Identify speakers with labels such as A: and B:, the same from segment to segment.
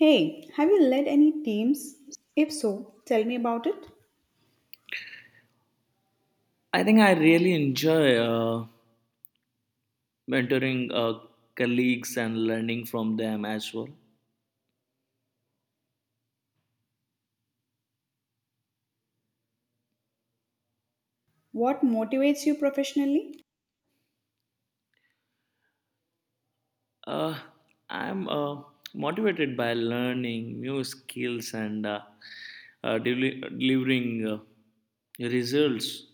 A: Hey, have you led any teams? If so, tell me about it.
B: I think I really enjoy mentoring colleagues and learning from them as well.
A: What motivates you professionally?
B: Uh, I'm motivated by learning new skills and delivering results.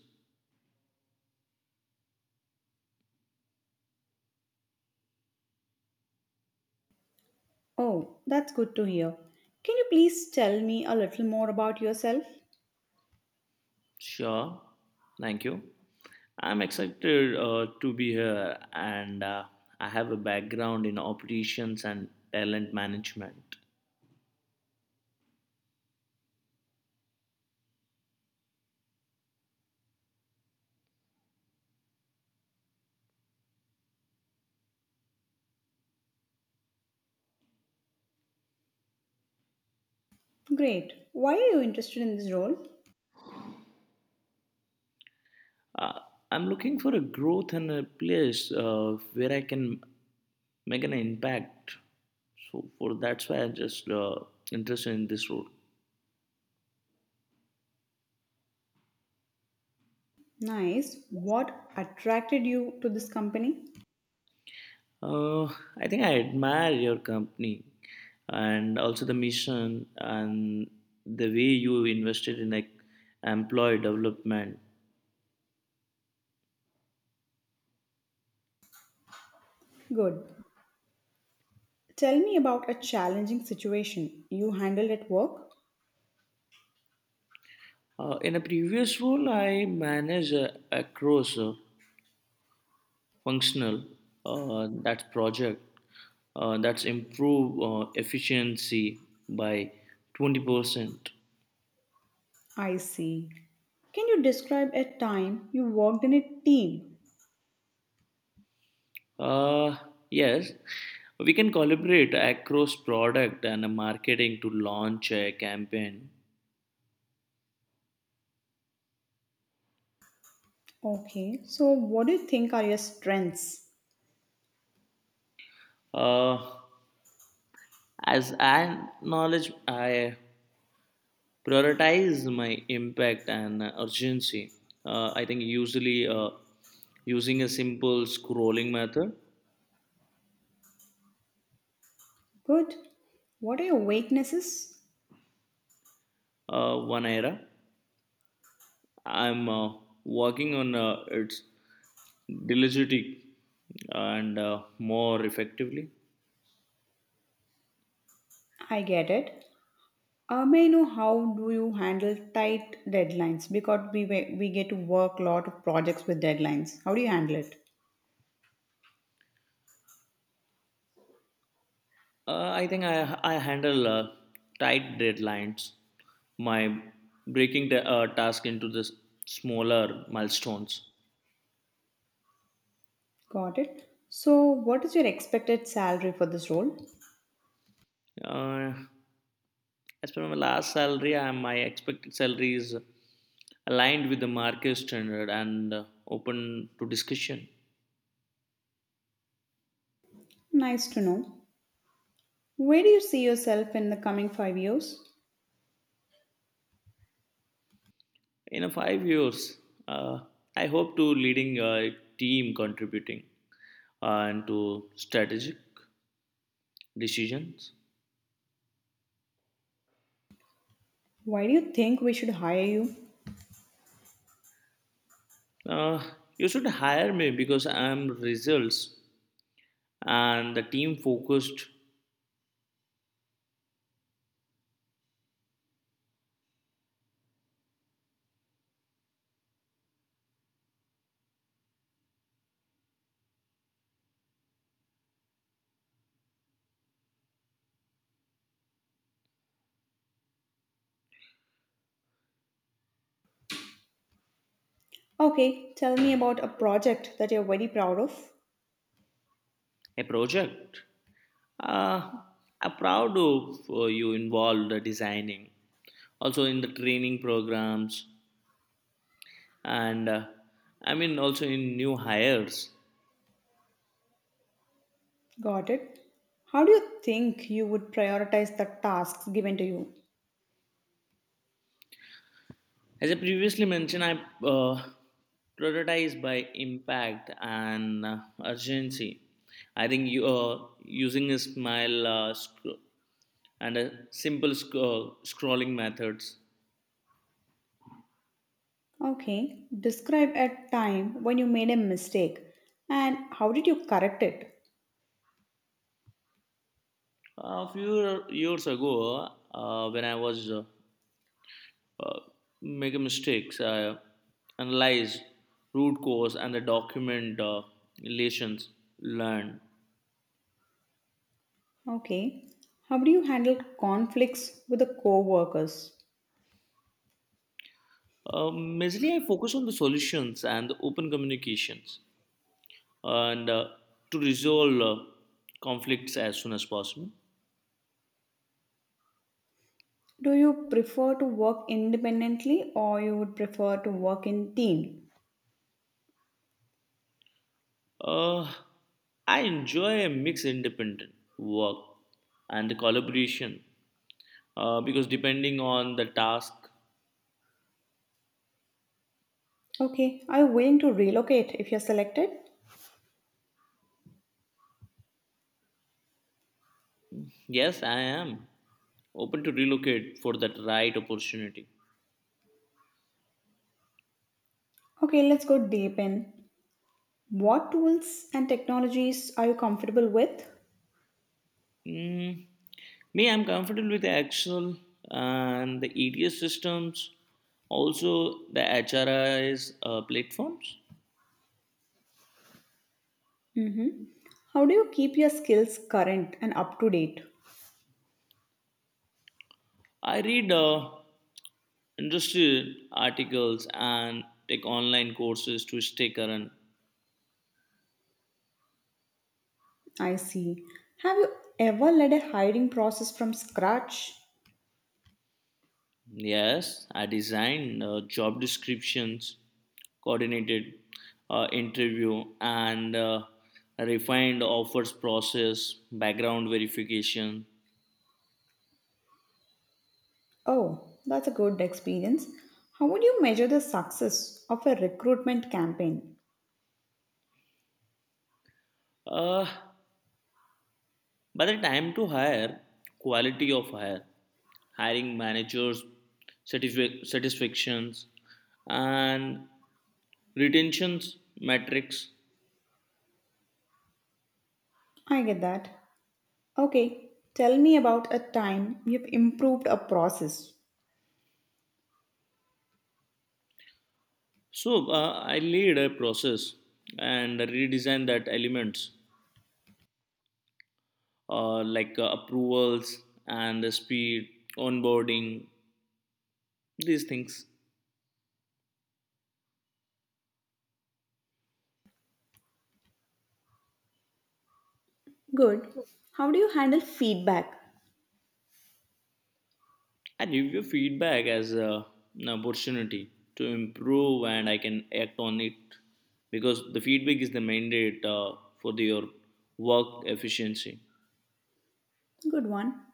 A: Oh, that's good to hear. Can you please tell me a little more about yourself?
B: Sure, thank you. I'm excited to be here, and I have a background in operations and talent management.
A: Great. Why are you interested in this role?
B: Uh, I'm looking for a growth and a place where I can make an impact. So for that's why I'm just interested in this role.
A: Nice. What attracted you to this company?
B: Uh, I think I admire your company and also the mission and the way you invested in like employee development.
A: Good. Tell me about a challenging situation you handled at work.
B: In a previous role, I managed across functional, that's project, that's improve efficiency by 20%.
A: I see. Can you describe a time you worked in a team?
B: Uh, yes, we can collaborate across product and marketing to launch a campaign.
A: Okay, so what do you think are your strengths?
B: Uh, as I knowledge, I prioritize my impact and urgency. I think usually using a simple scrolling method,
A: Good. What are your weaknesses?
B: one era. I'm working on its diligently and more effectively.
A: I get it. May I know how do you handle tight deadlines? Because we get to work a lot of projects with deadlines. How do you handle it?
B: I think I handle tight deadlines, my breaking the task into the smaller milestones.
A: Got it. So, what is your expected salary for this role?
B: Uh, as per my last salary, my expected salary is aligned with the market standard and open to discussion.
A: Nice to know. Where do you see yourself in the coming 5 years?
B: In a 5 years, uh, I hope to leading a team contributing and to strategic decisions.
A: Why do you think we should hire you?
B: uh, you should hire me because I'm results and the team focused.
A: Okay, tell me about a project that you're very proud of.
B: A project uh, I'm proud of, you involved the designing also in the training programs and, I mean, also in new hires.
A: Got it. How do you think you would prioritize the tasks given to you?
B: As I previously mentioned, I uh, prioritize by impact and urgency. I think you, using a smile, and a simple scrolling methods.
A: Okay, describe a time when you made a mistake and how did you correct it?
B: A few years ago, when I was uh, making mistakes, I analyzed root cause and the document relations learned.
A: Okay, how do you handle conflicts with the co-workers?
B: Mainly, I focus on the solutions and the open communications, and to resolve conflicts as soon as possible.
A: Do you prefer to work independently or you would prefer to work in team?
B: Uh, I enjoy a mixed independent work and the collaboration, because depending on the task,
A: Okay, are you willing to relocate if you're selected?
B: yes, I am open to relocate for that right opportunity.
A: Okay, let's go deep in. What tools and technologies are you comfortable with?
B: Mm, me, I'm comfortable with the Excel and the EDS systems, also the HRIs platforms.
A: Mhm. How do you keep your skills current and up to date?
B: I read industry articles and take online courses to stay current.
A: I see. Have you ever led a hiring process from scratch?
B: Yes, I designed job descriptions, coordinated interview, and refined offers process, background verification.
A: Oh, that's a good experience. How would you measure the success of a recruitment campaign?
B: Uh, by the time to hire, quality of hire, hiring managers, satisfactions, and retentions metrics.
A: I get that. Okay, tell me about a time you've improved a process.
B: So I laid a process and redesigned that elements, like approvals and the speed, onboarding, these things.
A: Good. How do you handle feedback?
B: I give you feedback as an opportunity to improve and I can act on it because the feedback is the mandate for your work efficiency.
A: Good one.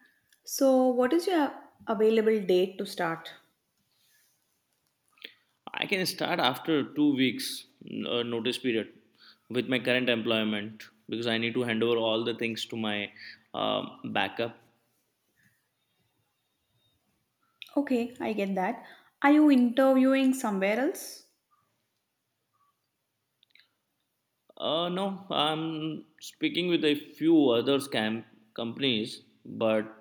A: So, what is your available date to start?
B: I can start after 2 weeks notice period with my current employment because I need to hand over all the things to my backup.
A: Okay, I get that. Are you interviewing somewhere else?
B: No, I'm speaking with a few other scam companies, but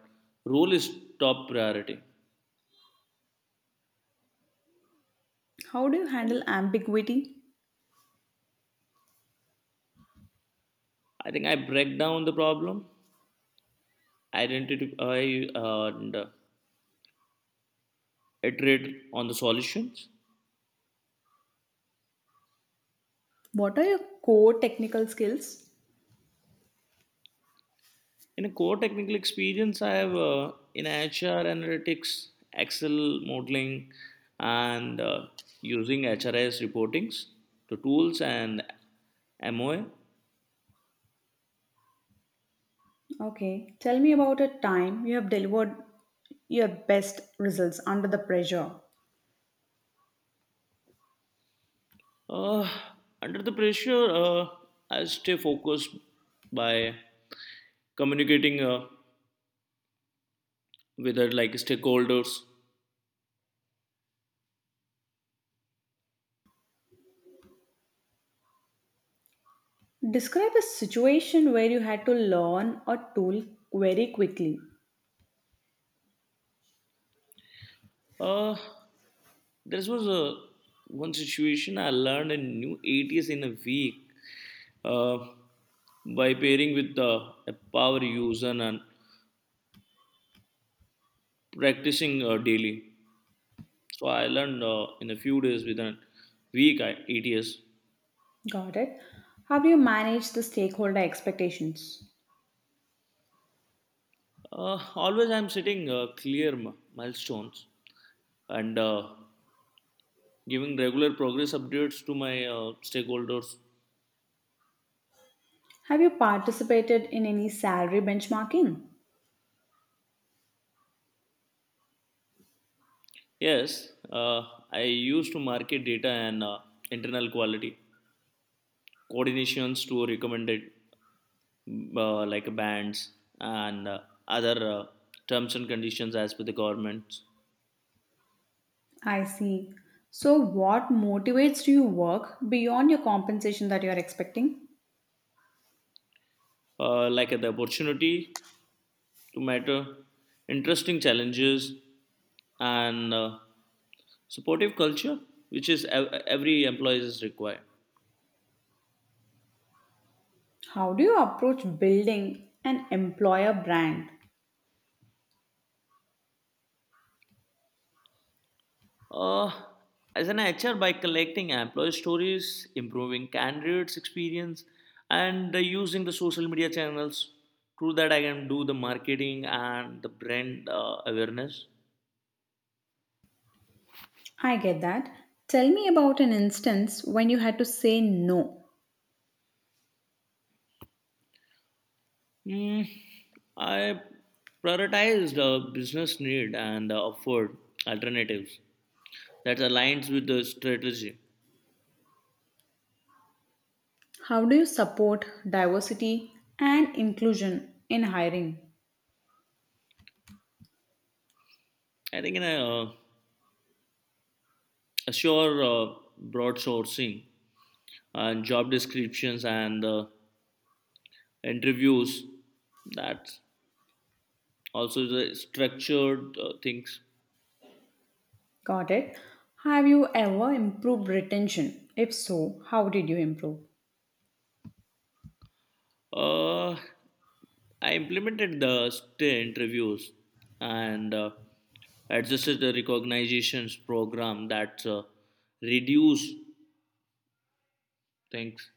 B: role is top priority.
A: How do you handle ambiguity?
B: I think I break down the problem, identify and iterate on the solutions.
A: What are your core technical skills?
B: In a core technical experience, I have in HR analytics, Excel modeling, and using HRIS reportings, the tools, and MOA.
A: Okay, tell me about a time you have delivered your best results under the pressure.
B: Uh, Under the pressure, I stay focused by communicating with like stakeholders.
A: Describe a situation where you had to learn a tool very quickly.
B: Uh, there was a one situation I learned a new ATS in a week, uh, by pairing with a power user and practicing daily. So I learned in a few days within a week, I, 8 years.
A: Got it. How do you manage the stakeholder expectations?
B: Always I'm setting clear milestones and giving regular progress updates to my stakeholders.
A: Have you participated in any salary benchmarking?
B: Yes, I used to market data and internal quality coordinations to recommended, like bans and other terms and conditions as per the government.
A: I see. So, what motivates you to work beyond your compensation that you are expecting?
B: Like, the opportunity to matter, interesting challenges, and supportive culture, which is every employee is required.
A: How do you approach building an employer brand?
B: Uh, as an HR, by collecting employee stories, improving candidates' experience, and using the social media channels, through that I can do the marketing and the brand awareness.
A: I get that. Tell me about an instance when you had to say no.
B: Mm, I prioritized the business need and afford alternatives that aligns with the strategy.
A: How do you support diversity and inclusion in hiring?
B: I think in uh, assure broad sourcing and job descriptions and interviews that also the structured things.
A: Got it. Have you ever improved retention? If so, how did you improve?
B: Uh, I implemented the stay interviews and adjusted the recognitions program that reduce. Thanks.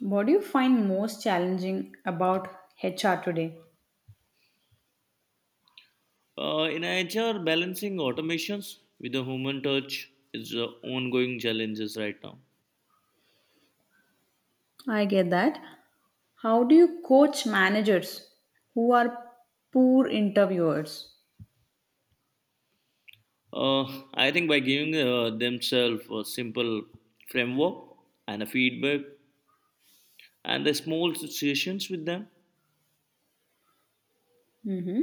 A: What do you find most challenging about HR today?
B: In HR, balancing automations with the human touch is ongoing challenges right now.
A: I get that. How do you coach managers who are poor interviewers?
B: Uh, I think by giving themselves a simple framework and a feedback and the small situations with them.
A: Hmm.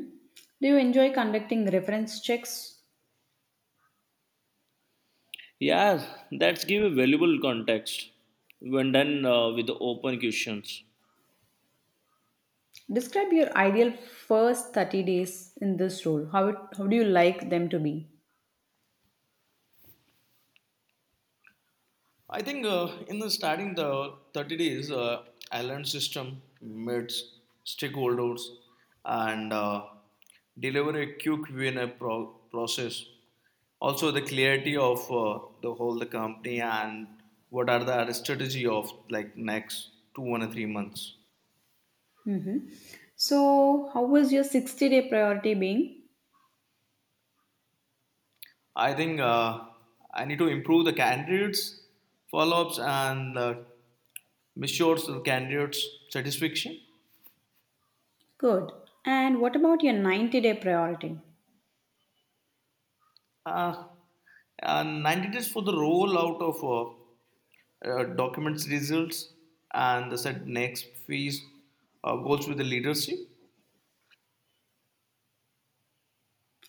A: Do you enjoy conducting reference checks?
B: Yeah, that's give a valuable context when done with the open questions.
A: Describe your ideal first 30 days in this role. How do you like them to be?
B: I think in the starting the 30 days, I learned system, meets, stakeholders, and deliver a quick win a process. Also, the clarity of the whole the company and what are the strategy of like next two one or 3 months.
A: Hmm. So, how was your 60-day priority being?
B: I think I need to improve the candidates follow ups and measures the candidates satisfaction.
A: Good. And what about your 90-day priority?
B: Uh, 90 days for the rollout of documents results and the said next phase goals with the leadership.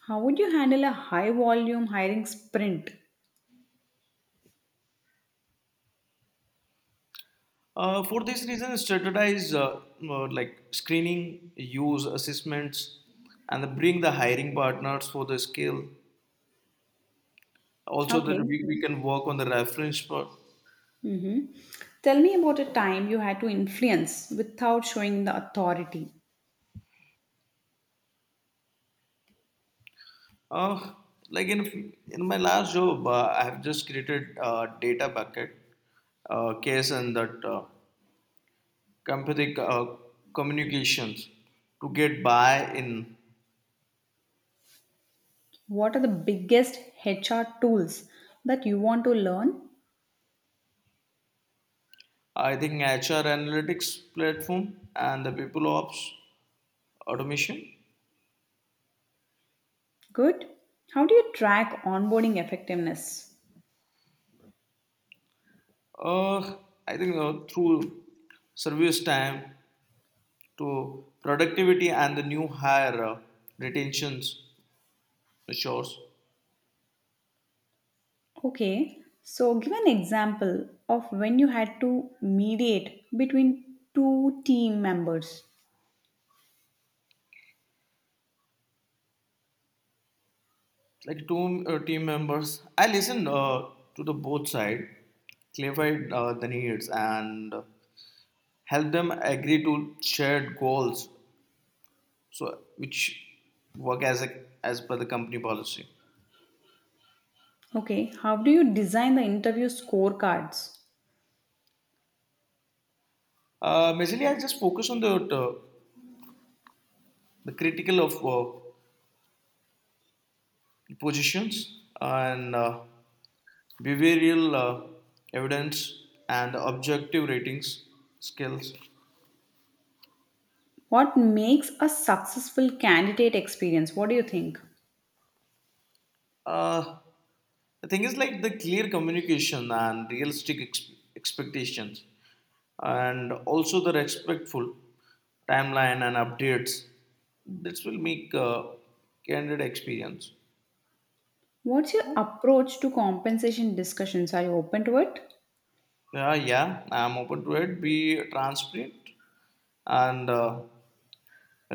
A: How would you handle a high volume hiring sprint?
B: For this reason, standardize like screening, use assessments, and then bring the hiring partners for the skill. Also, that
A: Okay.
B: we can work on the reference part.
A: Mm-hmm. Tell me about a time you had to influence without showing the authority.
B: Uh, like in my last job, I have just created a data bucket case and that empathic communications to get buy-in.
A: What are the biggest HR tools that you want to learn?
B: I think HR analytics platform and the people ops automation.
A: Good. How do you track onboarding effectiveness?
B: Uh, I think through service time to productivity and the new hire retentions measures.
A: Okay, so give an example of when you had to mediate between two team members.
B: Like two team members. I listened to the both side, clarified the needs and help them agree to shared goals, so which work as as per the company policy.
A: Okay, how do you design the interview scorecards?
B: Basically, I just focus on the critical of positions and behavioral evidence and objective ratings skills.
A: What makes a successful candidate experience? What do you think?
B: Uh, the thing is like the clear communication and realistic expectations, and also the respectful timeline and updates. This will make candid experience.
A: What's your approach to compensation discussions? Are you open to it?
B: Yeah, yeah, I'm open to it. Be transparent and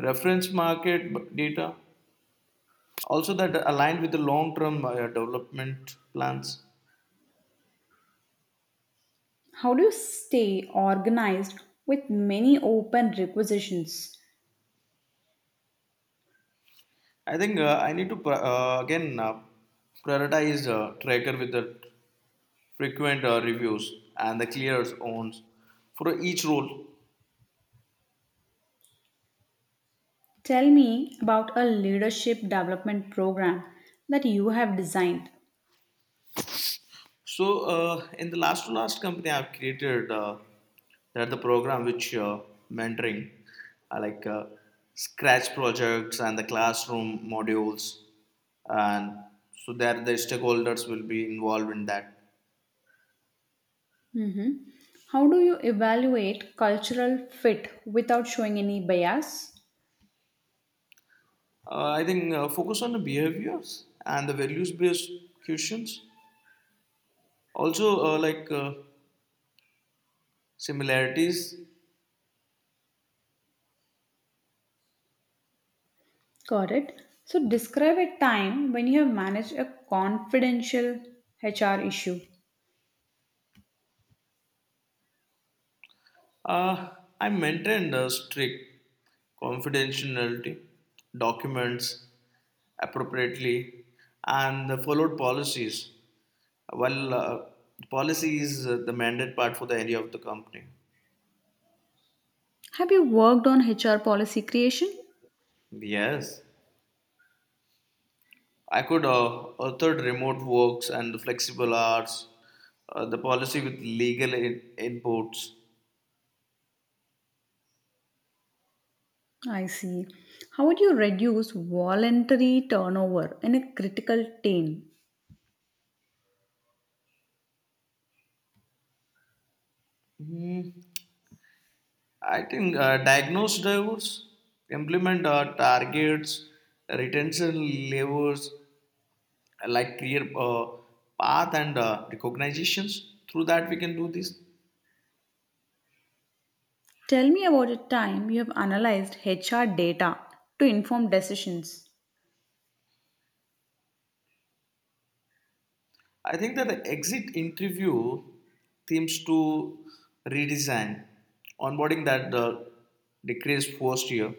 B: reference market data. Also, that aligned with the long term development plans.
A: How do you stay organized with many open requisitions?
B: I think I need to again prioritize tracker with the frequent reviews and the clear owns for each role.
A: Tell me about a leadership development program that you have designed.
B: So, in the last to last company I've created, there the program which, mentoring, I like scratch projects and the classroom modules, and so that the stakeholders will be involved in that.
A: Mhm. How do you evaluate cultural fit without showing any bias?
B: I think focus on the behaviors and the values based questions. Also, like similarities.
A: Got it. So, describe a time when you have managed a confidential HR issue.
B: Uh, I maintained a strict confidentiality documents appropriately and followed policies. Well, policy is the mandate part for the area of the company.
A: Have you worked on HR policy creation?
B: Yes, I could authored remote works and flexible hours, the policy with legal inputs.
A: I see. How would you reduce voluntary turnover in a critical team?
B: Hmm, I think diagnose drivers, implement targets, retention levers, like clear path and recognitions. Through that, we can do this.
A: Tell me about a time you have analyzed HR data to inform decisions.
B: I think that the exit interview seems to redesign onboarding that decreased first year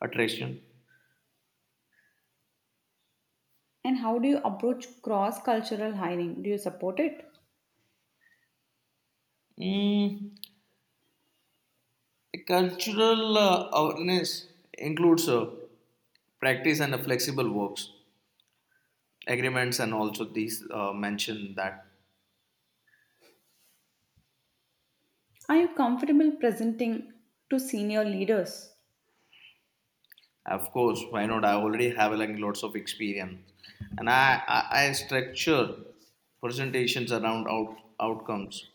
B: attraction.
A: And how do you approach cross cultural hiring? Do you support it?
B: Mm, the cultural awareness includes practice and flexible works agreements, and also these mention that.
A: Are you comfortable presenting to senior leaders?
B: Of course, why not? I already have like lots of experience, and I structure presentations around outcomes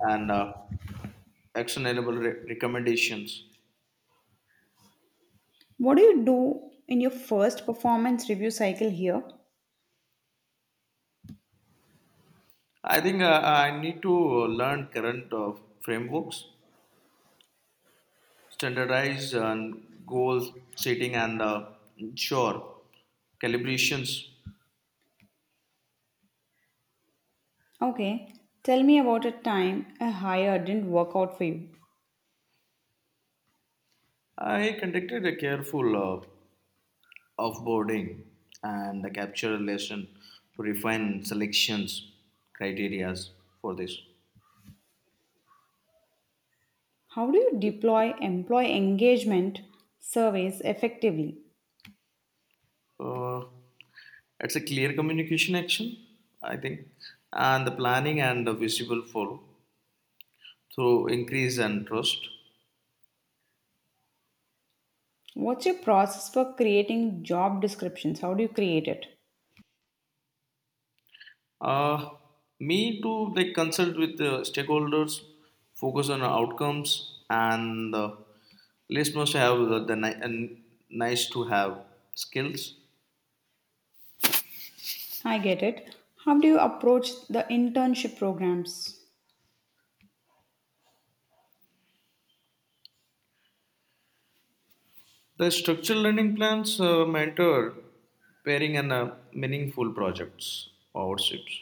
B: and actionable recommendations.
A: What do you do in your first performance review cycle here?
B: I think I need to learn current frameworks, standardized and goal setting, and sure calibrations.
A: Okay, tell me about a time a hire didn't work out for you.
B: I conducted a careful offboarding and a capture lesson to refine selections criterias for this.
A: How do you deploy employee engagement surveys effectively?
B: Uh, it's a clear communication action, I think, and the planning and the visible follow through increase and trust.
A: What's your process for creating job descriptions? How do you create it?
B: Uh, Me to like consult with the stakeholders, focus on outcomes, and least must have and nice to have skills.
A: I get it. How do you approach the internship programs?
B: The structured learning plans mentor pairing and meaningful projects partnerships.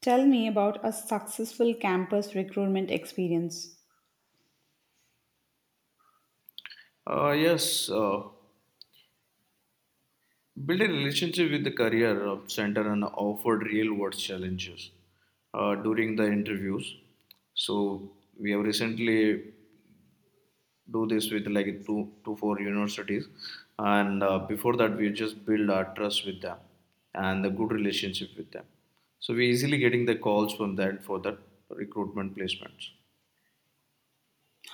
A: Tell me about a successful campus recruitment experience.
B: Yes, build a relationship with the career center and offer real world challenges during the interviews. So we have recently do this with like two two four universities and, before that, we just build our trust with them and the good relationship with them, so we easily getting the calls from that for that recruitment placements.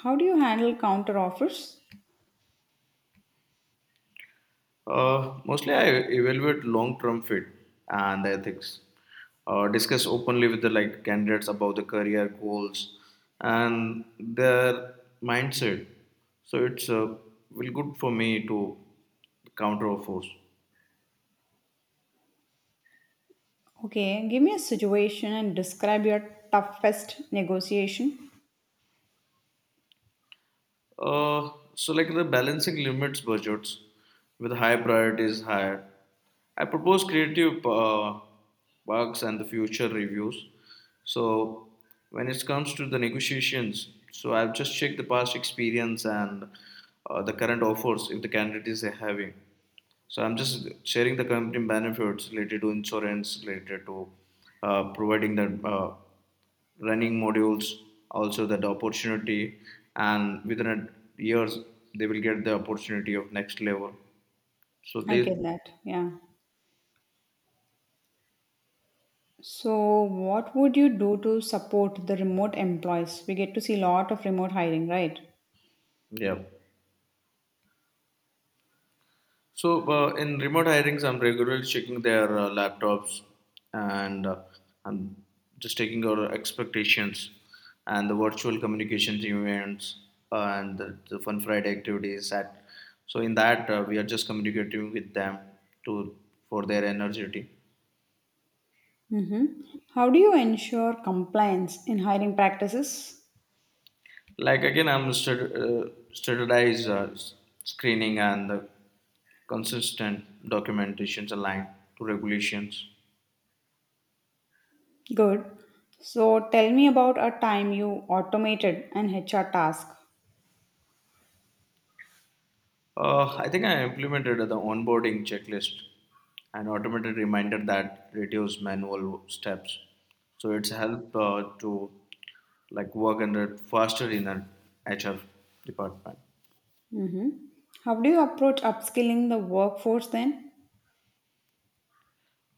A: How do you handle counter offers?
B: uh, Mostly I evaluate long term fit and ethics, discuss openly with the like candidates about the career goals and their mindset, so it's, well, good for me to counter of force.
A: Okay, give me a situation and describe your toughest negotiation.
B: So like the balancing limits budgets with high priorities higher. I propose creative bugs and the future reviews. So when it comes to the negotiations, so I've just checked the past experience and the current offers if the candidate is having. So I'm just sharing the company benefits related to insurance, related to providing the running modules, also that opportunity, and within a years they will get the opportunity of next level. So
A: I
B: they,
A: get that. Yeah. So, what would you do to support the remote employees? We get to see a lot of remote hiring, right?
B: yeah. So in remote hirings, I'm regularly checking their laptops and I'm just taking our expectations and the virtual communications events and the Fun Friday activities. That so in that, we are just communicating with them to for their energy.
A: Mm-hmm. How do you ensure compliance in hiring practices?
B: Like again, standardized screening and the consistent documentations aligned to regulations.
A: Good. So tell me about a time you automated an HR task.
B: I think I implemented the onboarding checklist and automated reminder that reduce manual steps. So it's helped to like work under faster in an HR department.
A: Hmm. How do you approach upskilling the workforce then?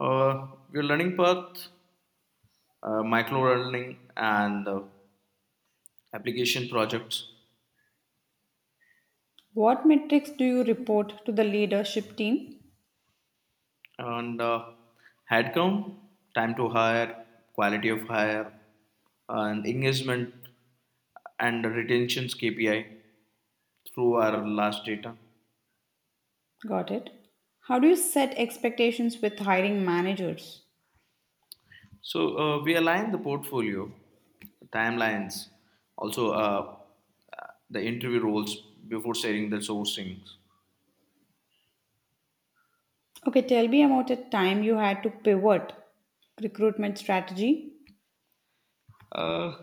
B: Uh, your learning path, micro learning, and application projects,
A: What metrics do you report to the leadership team?
B: and headcount, time to hire, quality of hire, and engagement and retentions KPI through our last data.
A: Got it. How do you set expectations with hiring managers?
B: So we align the portfolio, timelines, also the interview roles before sharing the sourcing.
A: Okay, tell me about a time you had to pivot recruitment strategy.
B: Uh,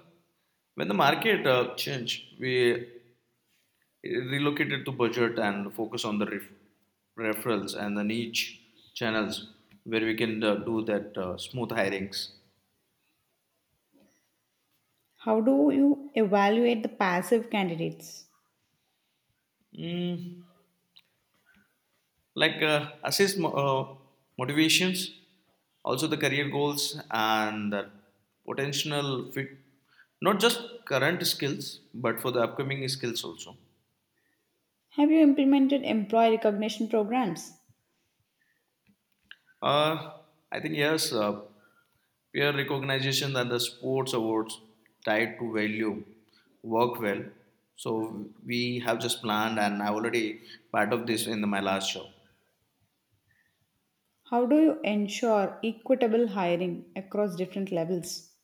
B: when the market changed, we relocated to budget and focus on the referrals and the niche channels where we can do that smooth hirings.
A: How do you evaluate the passive candidates?
B: Mm, like assess motivations, also the career goals and the potential fit, not just current skills but for the upcoming skills also.
A: Have you implemented employee recognition programs?
B: uh, I think yes, peer recognition and the sports awards tied to value work well, so we have just planned and I already part of this in my last show.
A: How do you ensure equitable hiring across different levels?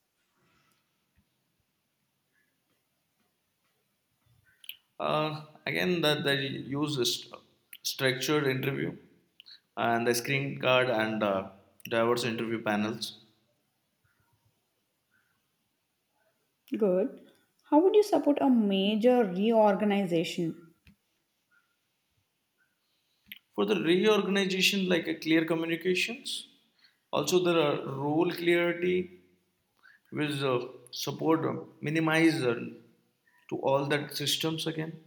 B: Again, that they use a structured interview and the screen card and diverse interview panels
A: Good. How would you support a major reorganization?
B: for the reorganization, like a clear communications. Also, there are role clarity with support minimize to all that systems again.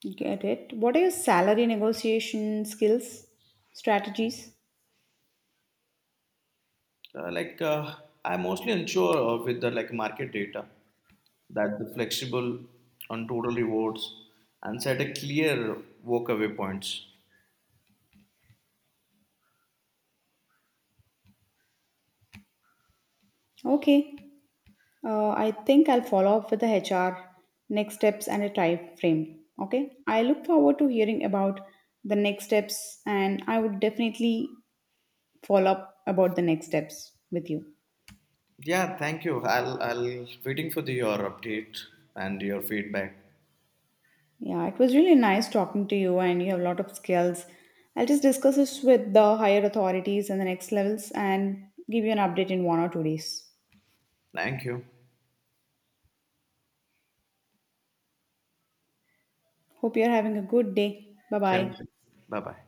A: Get it? What are your salary negotiation skills, strategies?
B: Like, I'm mostly unsure of with the like market data that the flexible on total rewards and set a clear walkaway points.
A: Okay. I think I'll follow up with the HR next steps and a time frame. Okay. I look forward to hearing about the next steps and I would definitely follow up about the next steps with you.
B: Yeah, thank you. I'll waiting for your update and your feedback.
A: Yeah, it was really nice talking to you, and you have a lot of skills. I'll just discuss this with the higher authorities and the next levels and give you an update in 1 or 2 days.
B: Thank you.
A: Hope you're having a good day. Bye
B: Same.
A: bye.
B: Bye bye.